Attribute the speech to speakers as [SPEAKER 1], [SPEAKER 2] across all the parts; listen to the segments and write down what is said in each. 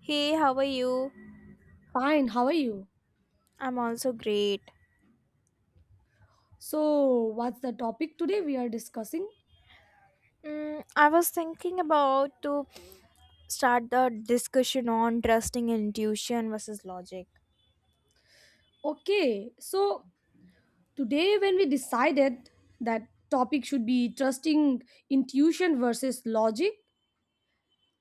[SPEAKER 1] Hey, how are you?
[SPEAKER 2] Fine, how are you?
[SPEAKER 1] I'm also great.
[SPEAKER 2] So, what's the topic today we are discussing?
[SPEAKER 1] I was thinking about to start the discussion on trusting intuition versus logic.
[SPEAKER 2] Okay, so today when we decided that topic should be trusting intuition versus logic,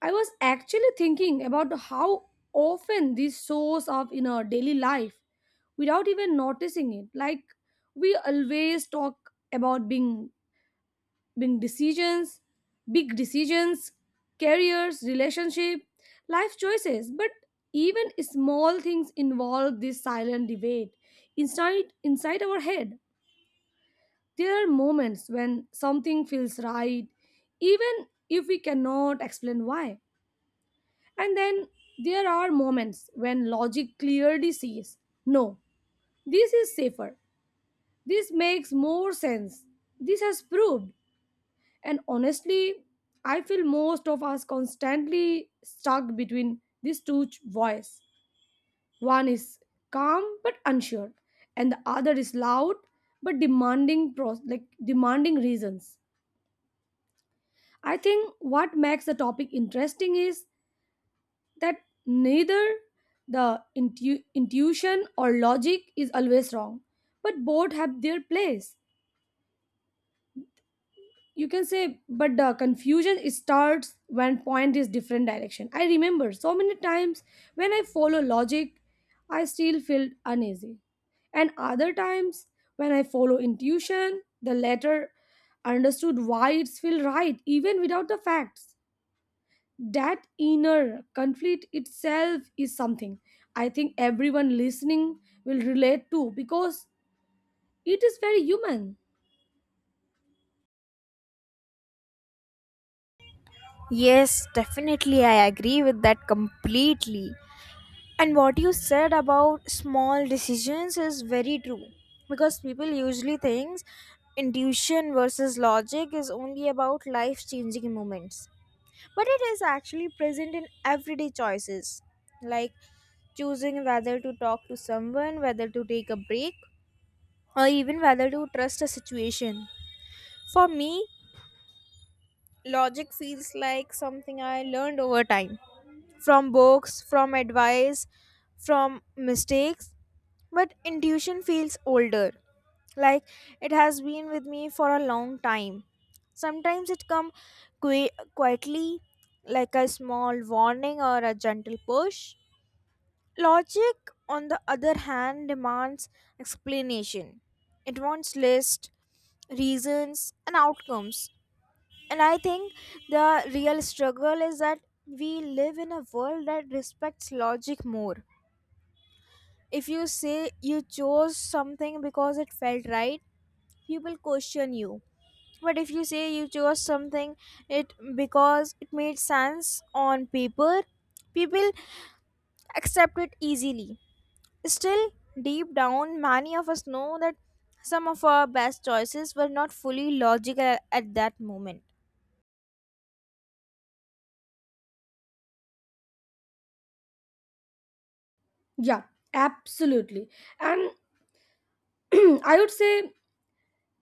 [SPEAKER 2] I was actually thinking about how often this shows up in our daily life without even noticing it. Like, we always talk about being big decisions big decisions careers, relationship, life choices, but even small things involve this silent debate inside our head. There are moments when something feels right even if we cannot explain why, and then there are moments when logic clearly says no, this is safer, this makes more sense, this has proved. And honestly, I feel most of us constantly stuck between these two voices. One is calm but unsure, and the other is loud but demanding pros- like demanding reasons. I think what makes the topic interesting is that neither the intuition or logic is always wrong, but both have their place. You can say, but the confusion starts when point is different direction. I remember so many times when I follow logic I still feel uneasy, and other times when I follow intuition the latter understood why it feels right even without the facts. That inner conflict itself is something I think everyone listening will relate to because it is very human.
[SPEAKER 1] Yes, definitely I agree with that completely. And what you said about small decisions is very true because people usually think intuition versus logic is only about life changing moments. But it is actually present in everyday choices, like choosing whether to talk to someone, whether to take a break, or even whether to trust a situation. For me, logic feels like something I learned over time, from books, from advice, from mistakes, but intuition feels older. Like it has been with me for a long time. Sometimes it comes qu- quietly, like a small warning or a gentle push. Logic, on the other hand, demands explanation. It wants lists, reasons, and outcomes. And I think the real struggle is that we live in a world that respects logic more. If you say you chose something because it felt right, people question you. But if you say you chose something it because it made sense on paper, people accept it easily. Still, deep down, many of us know that some of our best choices were not fully logical at that moment.
[SPEAKER 2] Yeah, absolutely. And I would say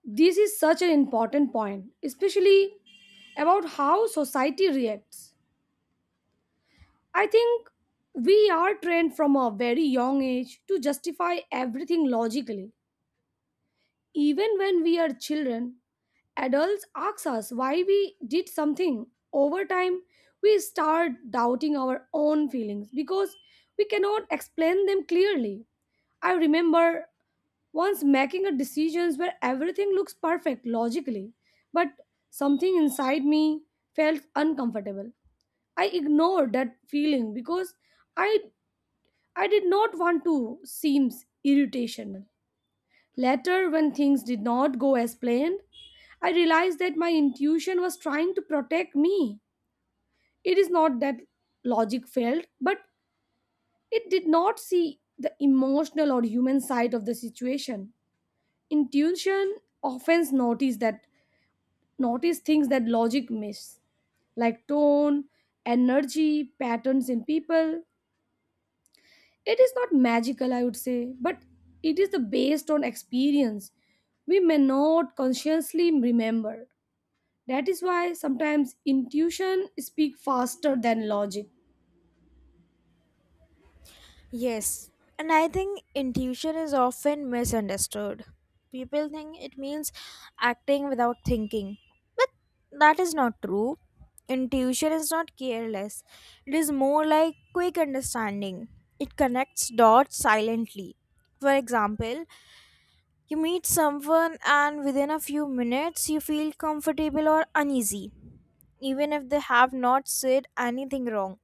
[SPEAKER 2] this is such an important point, especially about how society reacts. I think we are trained from a very young age to justify everything logically. Even when we are children, adults ask us why we did something. Over time, we start doubting our own feelings because we cannot explain them clearly. I remember once making a decisions where everything looks perfect logically, but something inside me felt uncomfortable. I ignored that feeling because I I did not want to seem irritational. Later, when things did not go as planned, I realized that my intuition was trying to protect me. It is not that logic failed, but it did not see the emotional or human side of the situation. Intuition often notice things that logic misses, like tone, energy, patterns in people. It is not magical, I would say, but it is the based on experience we may not consciously remember. That is why sometimes intuition speaks faster than logic.
[SPEAKER 1] Yes, and I think intuition is often misunderstood. People think it means acting without thinking, but that is not true. Intuition is not careless, it is more like quick understanding. It connects dots silently. For example, you meet someone, and within a few minutes, you feel comfortable or uneasy, even if they have not said anything wrong.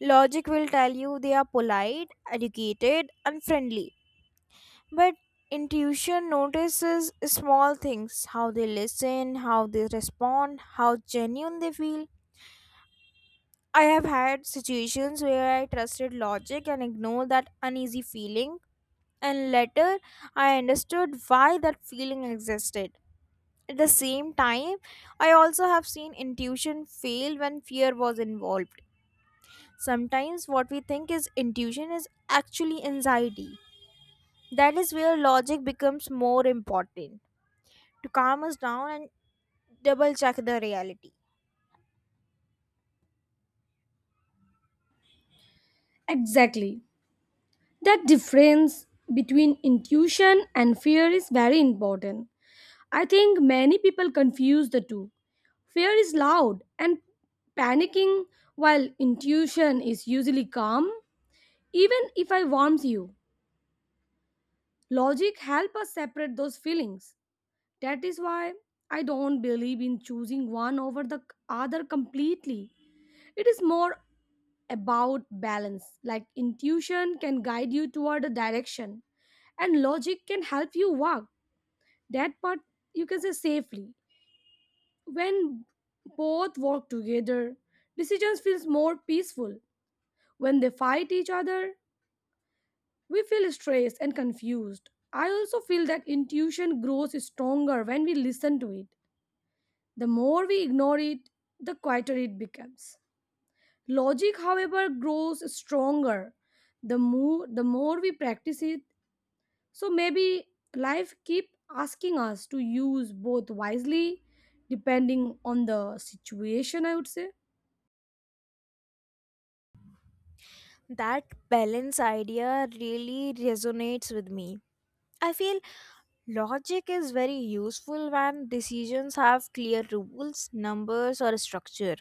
[SPEAKER 1] Logic will tell you they are polite, educated, and friendly. But intuition notices small things: how they listen, how they respond, how genuine they feel. I have had situations where I trusted logic and ignored that uneasy feeling, and later I understood why that feeling existed. At the same time, I also have seen intuition fail when fear was involved. Sometimes what we think is intuition is actually anxiety. That is where logic becomes more important, to calm us down and double check the reality.
[SPEAKER 2] Exactly. That difference between intuition and fear is very important. I think many people confuse the two. Fear is loud and panicking, while intuition is usually calm. Even if I warms you, logic help us separate those feelings. That is why I don't believe in choosing one over the other completely. It is more about balance. Like intuition can guide you toward a direction, and logic can help you walk that part, you can say, safely. When both work together, decisions feels more peaceful. When they fight each other, we feel stressed and confused. I also feel that intuition grows stronger when we listen to it. The more we ignore it, the quieter it becomes. Logic, however, grows stronger the more we practice it. So maybe life keep asking us to use both wisely depending on the situation, I would say.
[SPEAKER 1] That balance idea really resonates with me. I feel logic is very useful when decisions have clear rules, numbers, or structure,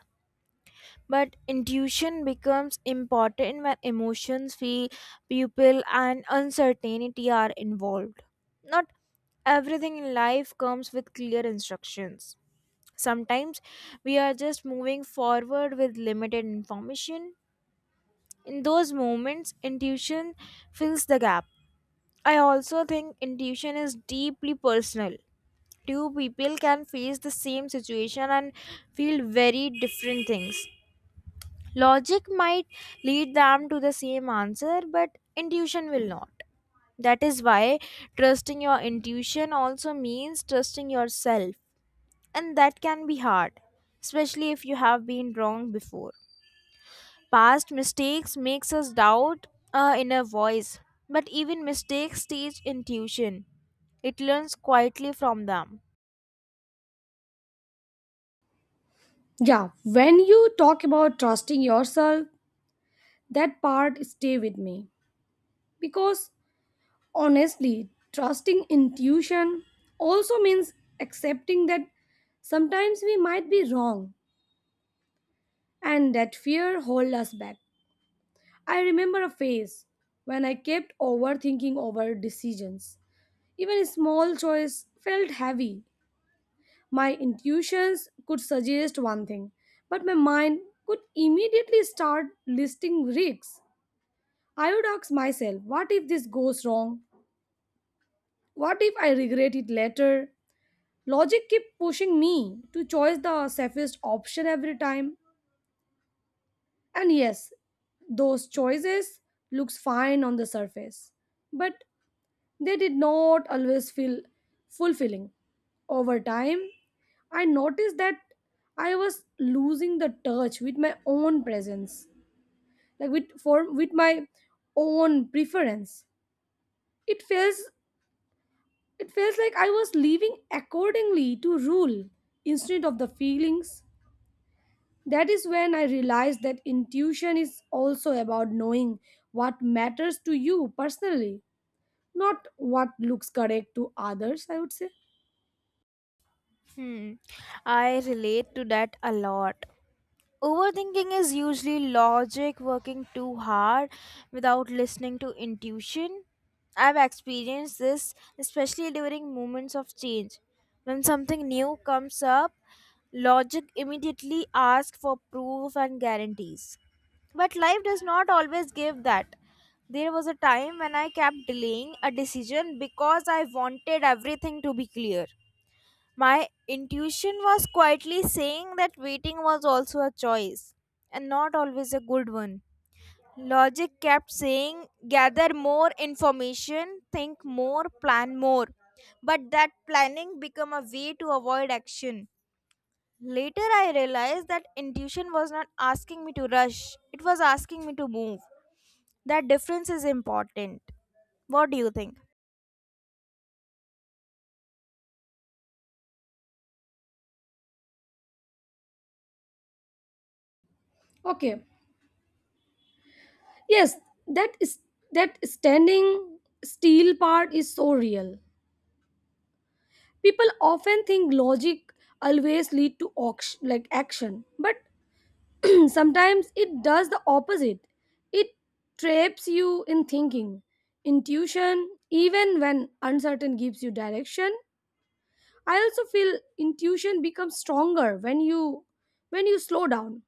[SPEAKER 1] but intuition becomes important when emotions feel, people and uncertainty are involved. Not everything in life comes with clear instructions. Sometimes we are just moving forward with limited information. In those moments intuition fills the gap. I also think intuition is deeply personal. Two people can face the same situation and feel very different things. Logic might lead them to the same answer, but intuition will not. That is why trusting your intuition also means trusting yourself, and that can be hard, especially if you have been wrong before. Past mistakes makes us doubt our inner voice, but even mistakes teach intuition. It learns quietly from them.
[SPEAKER 2] Yeah, when you talk about trusting yourself, that part stay with me because honestly, trusting intuition also means accepting that sometimes we might be wrong and that fear hold us back. I remember a phase when I kept overthinking over decisions. Even a small choice felt heavy. My intuitions could suggest one thing, but my mind could immediately start listing risks. I would ask myself, what if this goes wrong? What if I regret it later? Logic kept pushing me to choose the safest option every time. And yes, those choices looks fine on the surface, but they did not always feel fulfilling. Over time, I noticed that I was losing the touch with my own presence, like with my own preference. It feels It felt like I was living accordingly to rule instead of the feelings. That is when I realized that intuition is also about knowing what matters to you personally, not what looks correct to others, I would say.
[SPEAKER 1] Hmm, I relate to that a lot. Overthinking is usually logic working too hard without listening to intuition. I've experienced this especially during moments of change. When something new comes up, logic immediately asks for proof and guarantees. But life does not always give that. There was a time when I kept delaying a decision because I wanted everything to be clear. My intuition was quietly saying that waiting was also a choice, and not always a good one. Logic kept saying, gather more information, think more, plan more. But that planning became a way to avoid action. Later, I realized that intuition was not asking me to rush, it was asking me to move. That difference is important. What do you think?
[SPEAKER 2] Okay. Yes, that is that standing still part is so real. People often think logic always lead to auction, like action, but sometimes it does the opposite. It traps you in thinking. Intuition, even when uncertain, gives you direction. I also feel intuition becomes stronger when you slow down.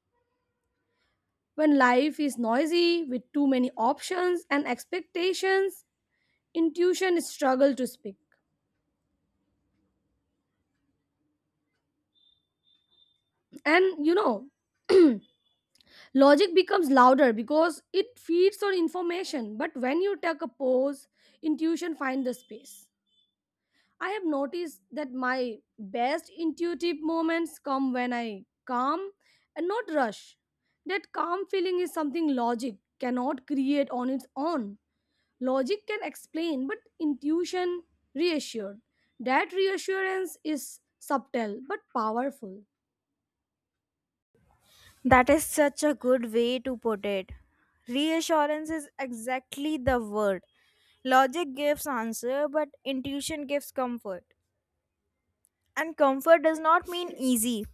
[SPEAKER 2] When life is noisy with too many options and expectations, intuition struggles to speak. And you know, logic becomes louder because it feeds on information. But when you take a pause, intuition finds the space. I have noticed that my best intuitive moments come when I calm and not rush. That calm feeling is something logic cannot create on its own. Logic can explain, but intuition reassured. That reassurance is subtle but powerful.
[SPEAKER 1] That is such a good way to put it. Reassurance is exactly the word. Logic gives answer, but intuition gives comfort. And comfort does not mean easy.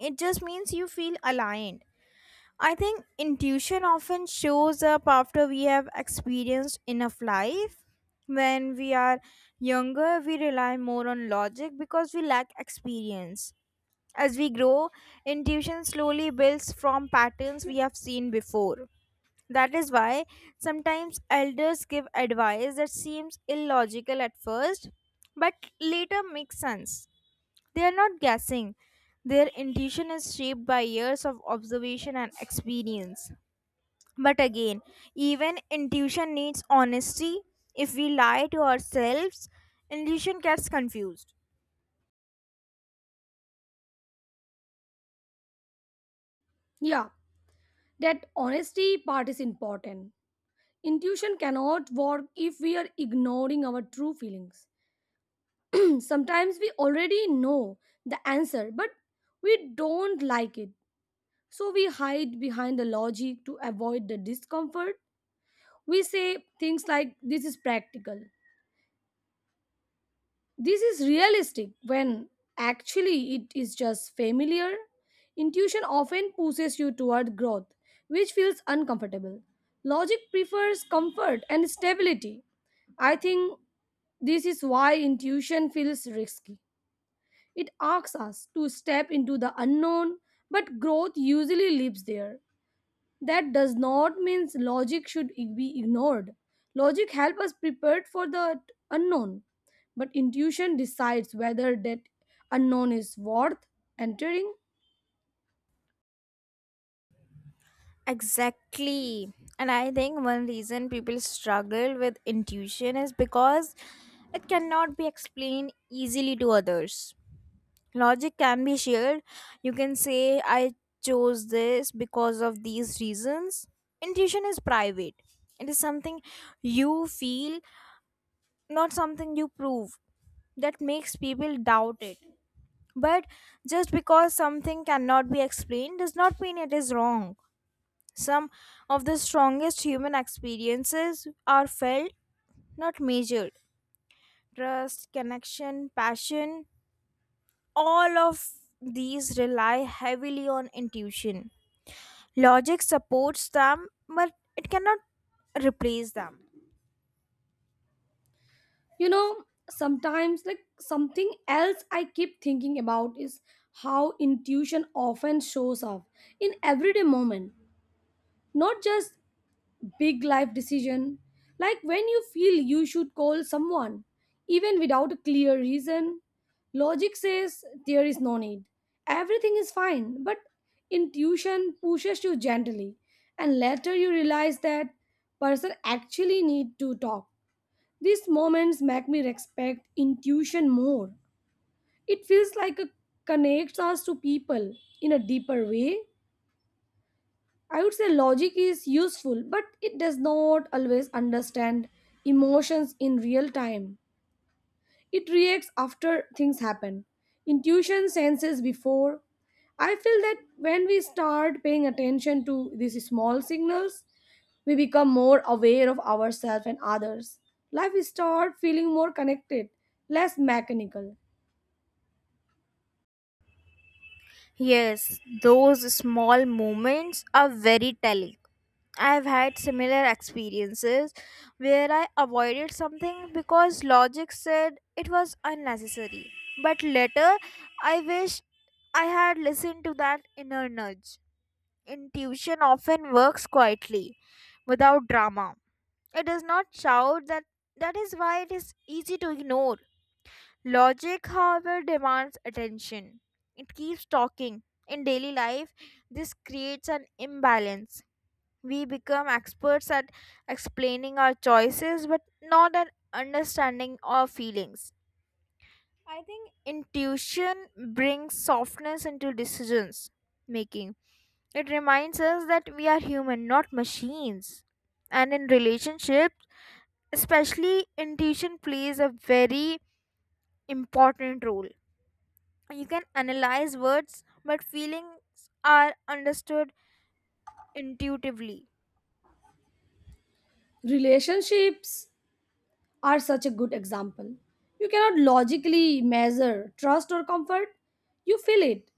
[SPEAKER 1] It just means you feel aligned. I think intuition often shows up after we have experienced enough life. When we are younger, we rely more on logic because we lack experience. As we grow, intuition slowly builds from patterns we have seen before. That is why sometimes elders give advice that seems illogical at first, but later makes sense. They are not guessing. Their intuition is shaped by years of observation and experience. But again, even intuition needs honesty. If we lie to ourselves, intuition gets confused.
[SPEAKER 2] Yeah, that honesty part is important. Intuition cannot work if we are ignoring our true feelings. Sometimes we already know the answer, but we don't like it. So we hide behind the logic to avoid the discomfort. We say things like, this is practical, this is realistic, when actually it is just familiar. Intuition often pushes you toward growth, which feels uncomfortable. Logic prefers comfort and stability. I think this is why intuition feels risky. It asks us to step into the unknown, but growth usually lives there. That does not mean logic should be ignored. Logic helps us prepare for the unknown, but intuition decides whether that unknown is worth entering.
[SPEAKER 1] Exactly. And I think one reason people struggle with intuition is because it cannot be explained easily to others. Logic can be shared. You can say, I chose this because of these reasons. Intuition is private, it is something you feel, not something you prove. That makes people doubt it. But just because something cannot be explained does not mean it is wrong. Some of the strongest human experiences are felt, not measured. Trust, connection, passion, all of these rely heavily on intuition. Logic supports them, but it cannot replace them.
[SPEAKER 2] You know, sometimes, like something else I keep thinking about is how intuition often shows up in everyday moment, not just big life decision, like when you feel you should call someone, even without a clear reason. Logic says there is no need. Everything is fine, but intuition pushes you gently, and later you realize that person actually need to talk. These moments make me respect intuition more. It feels like it connects us to people in a deeper way. I would say logic is useful, but it does not always understand emotions in real time. It reacts after things happen. Intuition senses before. I feel that when we start paying attention to these small signals, we become more aware of ourselves and others. Life start feeling more connected, less mechanical.
[SPEAKER 1] Yes, those small moments are very telling. I've had similar experiences where I avoided something because logic said it was unnecessary. But later, I wish I had listened to that inner nudge. Intuition often works quietly, without drama. It does not shout that. That is why it is easy to ignore. Logic, however, demands attention. It keeps talking. In daily life, this creates an imbalance. We become experts at explaining our choices, but not at understanding our feelings. I think intuition brings softness into decisions making. It reminds us that we are human, not machines. And in relationships, especially, intuition plays a very important role. You can analyze words, but feelings are understood intuitively.
[SPEAKER 2] Relationships are such a good example. You cannot logically measure trust or comfort, you feel it.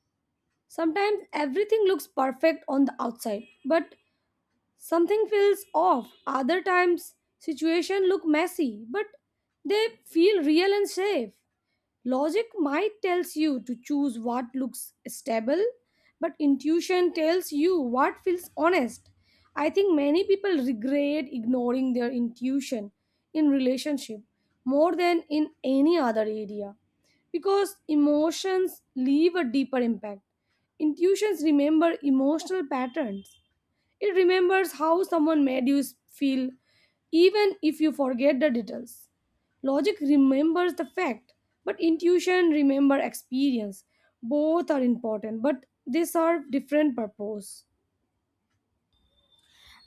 [SPEAKER 2] Sometimes everything looks perfect on the outside, but something feels off. Other times situation look messy, but they feel real and safe. Logic might tells you to choose what looks stable, but intuition tells you what feels honest. I think many people regret ignoring their intuition in relationship more than in any other area because emotions leave a deeper impact. Intuitions remember emotional patterns. It remembers how someone made you feel, even if you forget the details. Logic remembers the fact, but intuition remembers experience. Both are important, but they serve different purpose.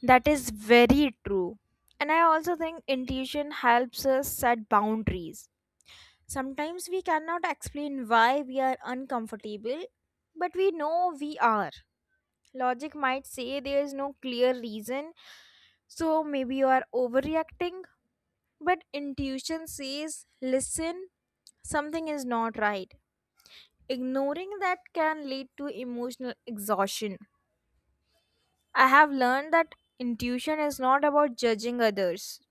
[SPEAKER 1] That is very true. And I also think intuition helps us set boundaries. Sometimes we cannot explain why we are uncomfortable, but we know we are. Logic might say there is no clear reason, so maybe you are overreacting, but intuition says listen, something is not right. Ignoring that can lead to emotional exhaustion. I have learned that intuition is not about judging others,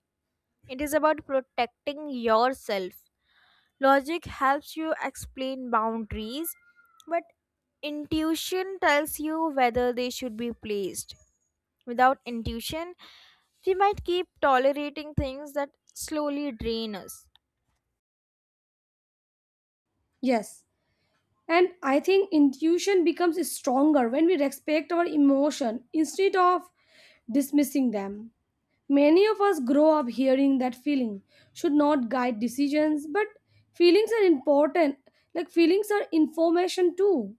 [SPEAKER 1] it is about protecting yourself. Logic helps you explain boundaries, but intuition tells you whether they should be placed. Without intuition, we might keep tolerating things that slowly drain us.
[SPEAKER 2] Yes, and I think intuition becomes stronger when we respect our emotion instead of dismissing them. Many of us grow up hearing that feeling should not guide decisions, but feelings are important. Like, feelings are information too.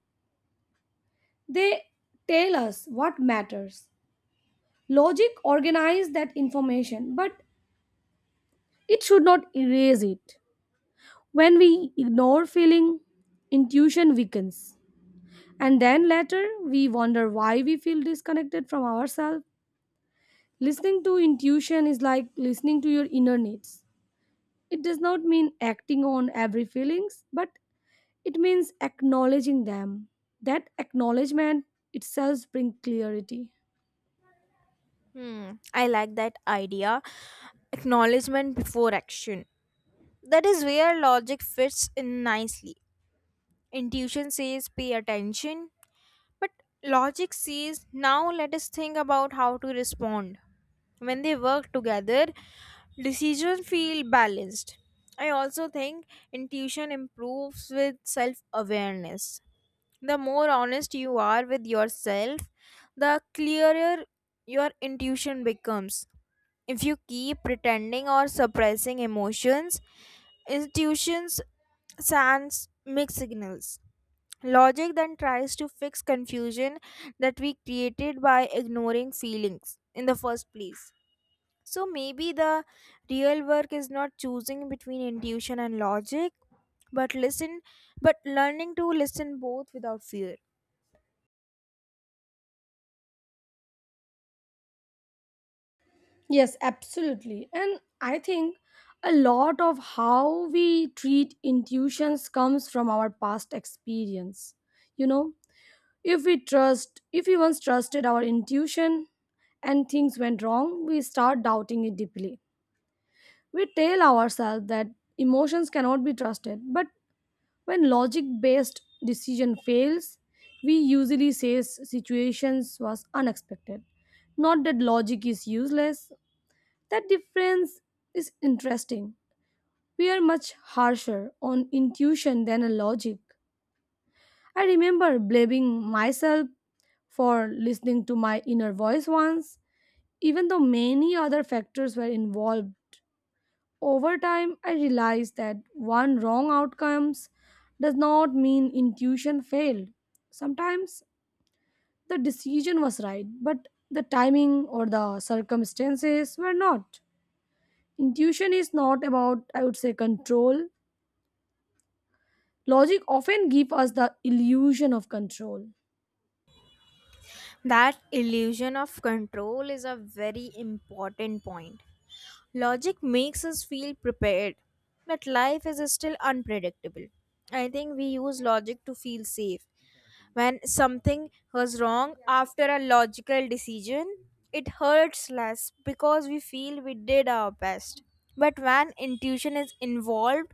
[SPEAKER 2] They tell us what matters. Logic organizes that information, but it should not erase it. When we ignore feeling, intuition weakens. And then later, we wonder why we feel disconnected from ourselves. Listening to intuition is like listening to your inner needs. It does not mean acting on every feelings, but it means acknowledging them. That acknowledgement itself brings clarity.
[SPEAKER 1] Hmm, I like that idea. Acknowledgement before action. That is where logic fits in nicely. Intuition says pay attention, but logic says now let us think about how to respond. When they work together, decisions feel balanced. I also think intuition improves with self awareness. The more honest you are with yourself, the clearer your intuition becomes. If you keep pretending or suppressing emotions, intuitions sends mixed signals. Logic then tries to fix confusion that we created by ignoring feelings in the first place. So maybe the real work is not choosing between intuition and logic, but listen, but learning to listen both without fear.
[SPEAKER 2] Yes, absolutely. And I think a lot of how we treat intuitions comes from our past experience. You know, if we once trusted our intuition and things went wrong, we start doubting it deeply. We tell ourselves that emotions cannot be trusted, but when logic based decision fails, we usually say situations was unexpected. Not that logic is useless. That difference is interesting. We are much harsher on intuition than a logic. I remember blaming myself for listening to my inner voice once, even though many other factors were involved. Over time, I realized that one wrong outcomes does not mean intuition failed. Sometimes the decision was right, but the timing or the circumstances were not. Intuition is not about, I would say, control. Logic often gives us the illusion of control.
[SPEAKER 1] That illusion of control is a very important point. Logic makes us feel prepared, but life is still unpredictable. I think we use logic to feel safe. When something goes wrong after a logical decision, it hurts less because we feel we did our best. But when intuition is involved,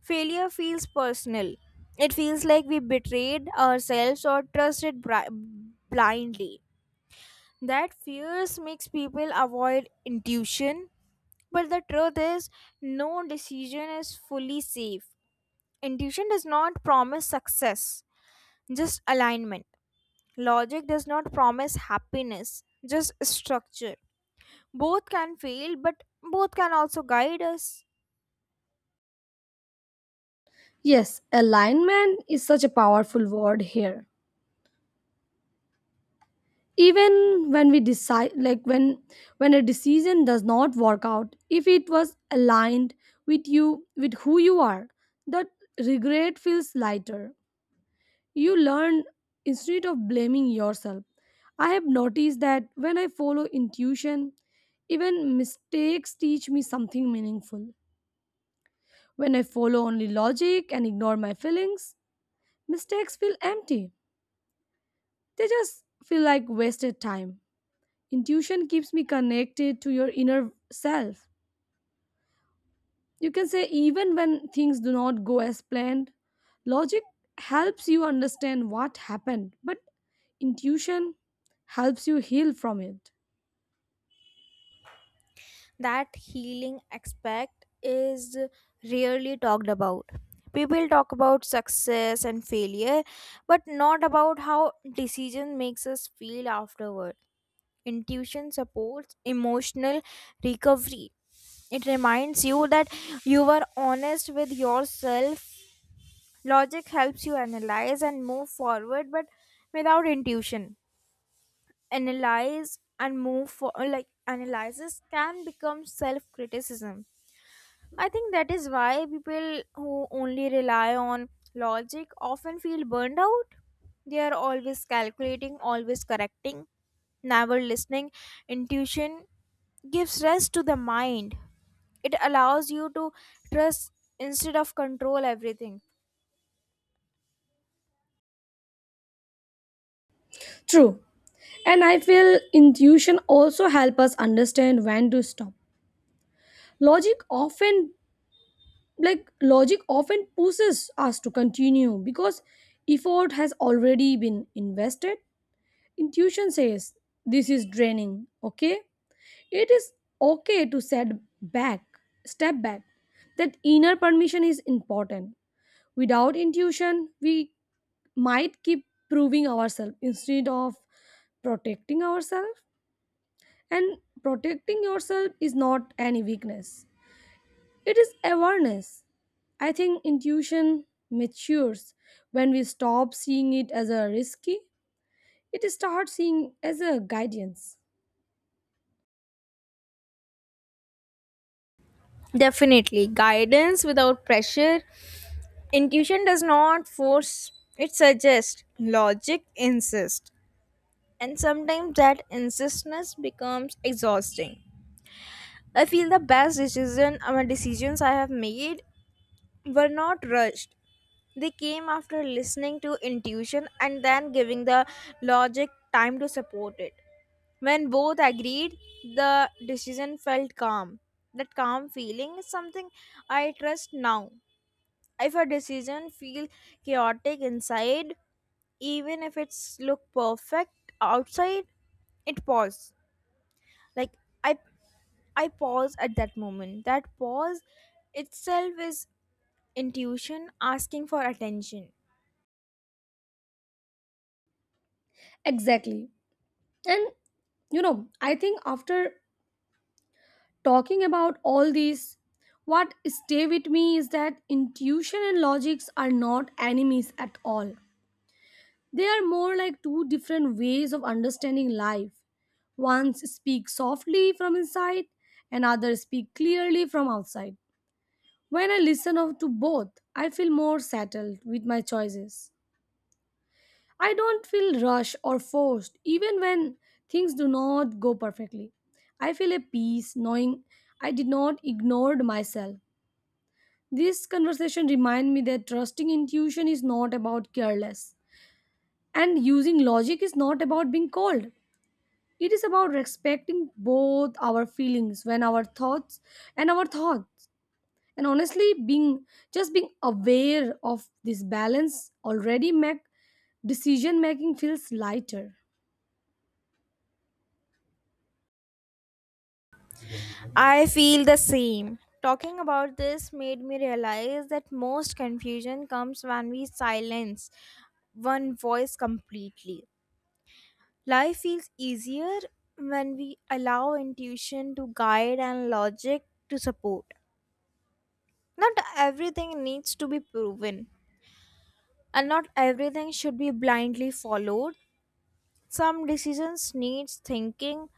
[SPEAKER 1] failure feels personal. It feels like we betrayed ourselves or trusted blindly. That fears makes people avoid intuition, but the truth is, no decision is fully safe. Intuition does not promise success, just alignment. Logic does not promise happiness, just structure. Both can fail, but both can also guide us.
[SPEAKER 2] Yes, alignment is such a powerful word here. Even when we decide, like when a decision does not work out, if it was aligned with who you are, that regret feels lighter. You learn instead of blaming yourself. I have noticed that when I follow intuition, even mistakes teach me something meaningful. When I follow only logic and ignore my feelings, mistakes feel empty. They just feel like wasted time. Intuition keeps me connected to your inner self. You can say, even when things do not go as planned, logic helps you understand what happened, but intuition helps you heal from it.
[SPEAKER 1] That healing aspect is rarely talked about. People talk about success and failure, but not about how decision makes us feel afterward. Intuition supports emotional recovery. It reminds you that you were honest with yourself. Logic helps you analyze and move forward, but without intuition, analyze and move for like analysis can become self-criticism. I think that is why people who only rely on logic often feel burned out. They are always calculating, always correcting, never listening. Intuition gives rest to the mind. It allows you to trust instead of control everything.
[SPEAKER 2] True. And I feel intuition also help us understand when to stop. Logic often Logic often pushes us to continue because effort has already been invested. Intuition says this is draining, okay? It is okay to back, step back. That inner permission is important. Without intuition, we might keep proving ourselves instead of protecting ourselves. And protecting yourself is not any weakness, it is awareness. I think intuition matures when we stop seeing it as a risky, it starts seeing as a guidance.
[SPEAKER 1] Definitely. Guidance without pressure. Intuition does not force, it suggests. Logic insists. And sometimes that insistence becomes exhausting. I feel the best decision decisions I have made were not rushed. They came after listening to intuition and then giving the logic time to support it. When both agreed, the decision felt calm. That calm feeling is something I trust now. If a decision feel chaotic inside, even if it's look perfect outside, it pause, like, i I pause at that moment. That pause itself is intuition asking for attention.
[SPEAKER 2] Exactly. And you know, I think after talking about all these, what stay with me is that intuition and logics are not enemies at all. They are more like two different ways of understanding life. One speaks softly from inside, and others speak clearly from outside. When I listen to both, I feel more settled with my choices. I don't feel rushed or forced. Even when things do not go perfectly, I feel a peace knowing I did not ignored myself. This conversation reminded me that trusting intuition is not about careless, and using logic is not about being cold. It is about respecting both our feelings when our thoughts. And honestly, being just being aware of this balance already make decision making feels lighter.
[SPEAKER 1] I feel the same. Talking about this made me realize that most confusion comes when we silence one voice completely. Life feels easier when we allow intuition to guide and logic to support. Not everything needs to be proven, and not everything should be blindly followed. Some decisions need thinking,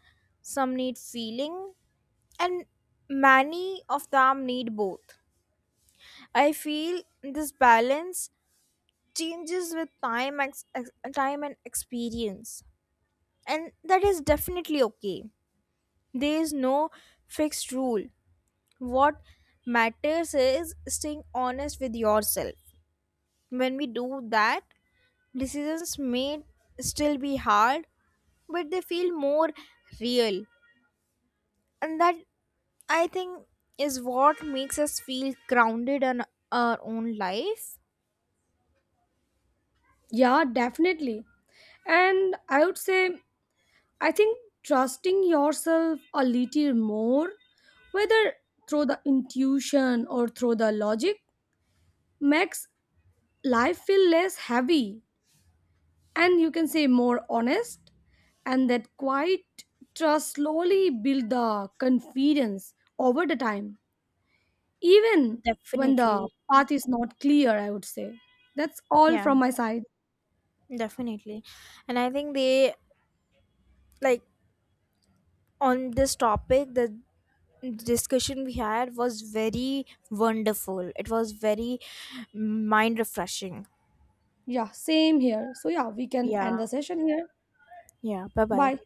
[SPEAKER 1] some need feeling, and many of them need both. I feel this balance changes with time, time and experience, and that is definitely okay. There is no fixed rule. What matters is staying honest with yourself. When we do that, decisions may still be hard, but they feel more real. And that, I think, is what makes us feel grounded in our own life.
[SPEAKER 2] Yeah, definitely. And I would say I think trusting yourself a little more, whether through the intuition or through the logic, makes life feel less heavy and, you can say, more honest. And that quiet trust slowly build the confidence over the time, even when the
[SPEAKER 1] Definitely.
[SPEAKER 2] path is not clear, I would say. That's all
[SPEAKER 1] Yeah,
[SPEAKER 2] from my side.
[SPEAKER 1] definitely. And I think they like, on this topic, the discussion we had was very wonderful. It was very mind refreshing.
[SPEAKER 2] Yeah, same here. So, yeah, we can
[SPEAKER 1] Yeah.
[SPEAKER 2] end the session here.
[SPEAKER 1] Yeah. Bye bye.
[SPEAKER 2] Bye.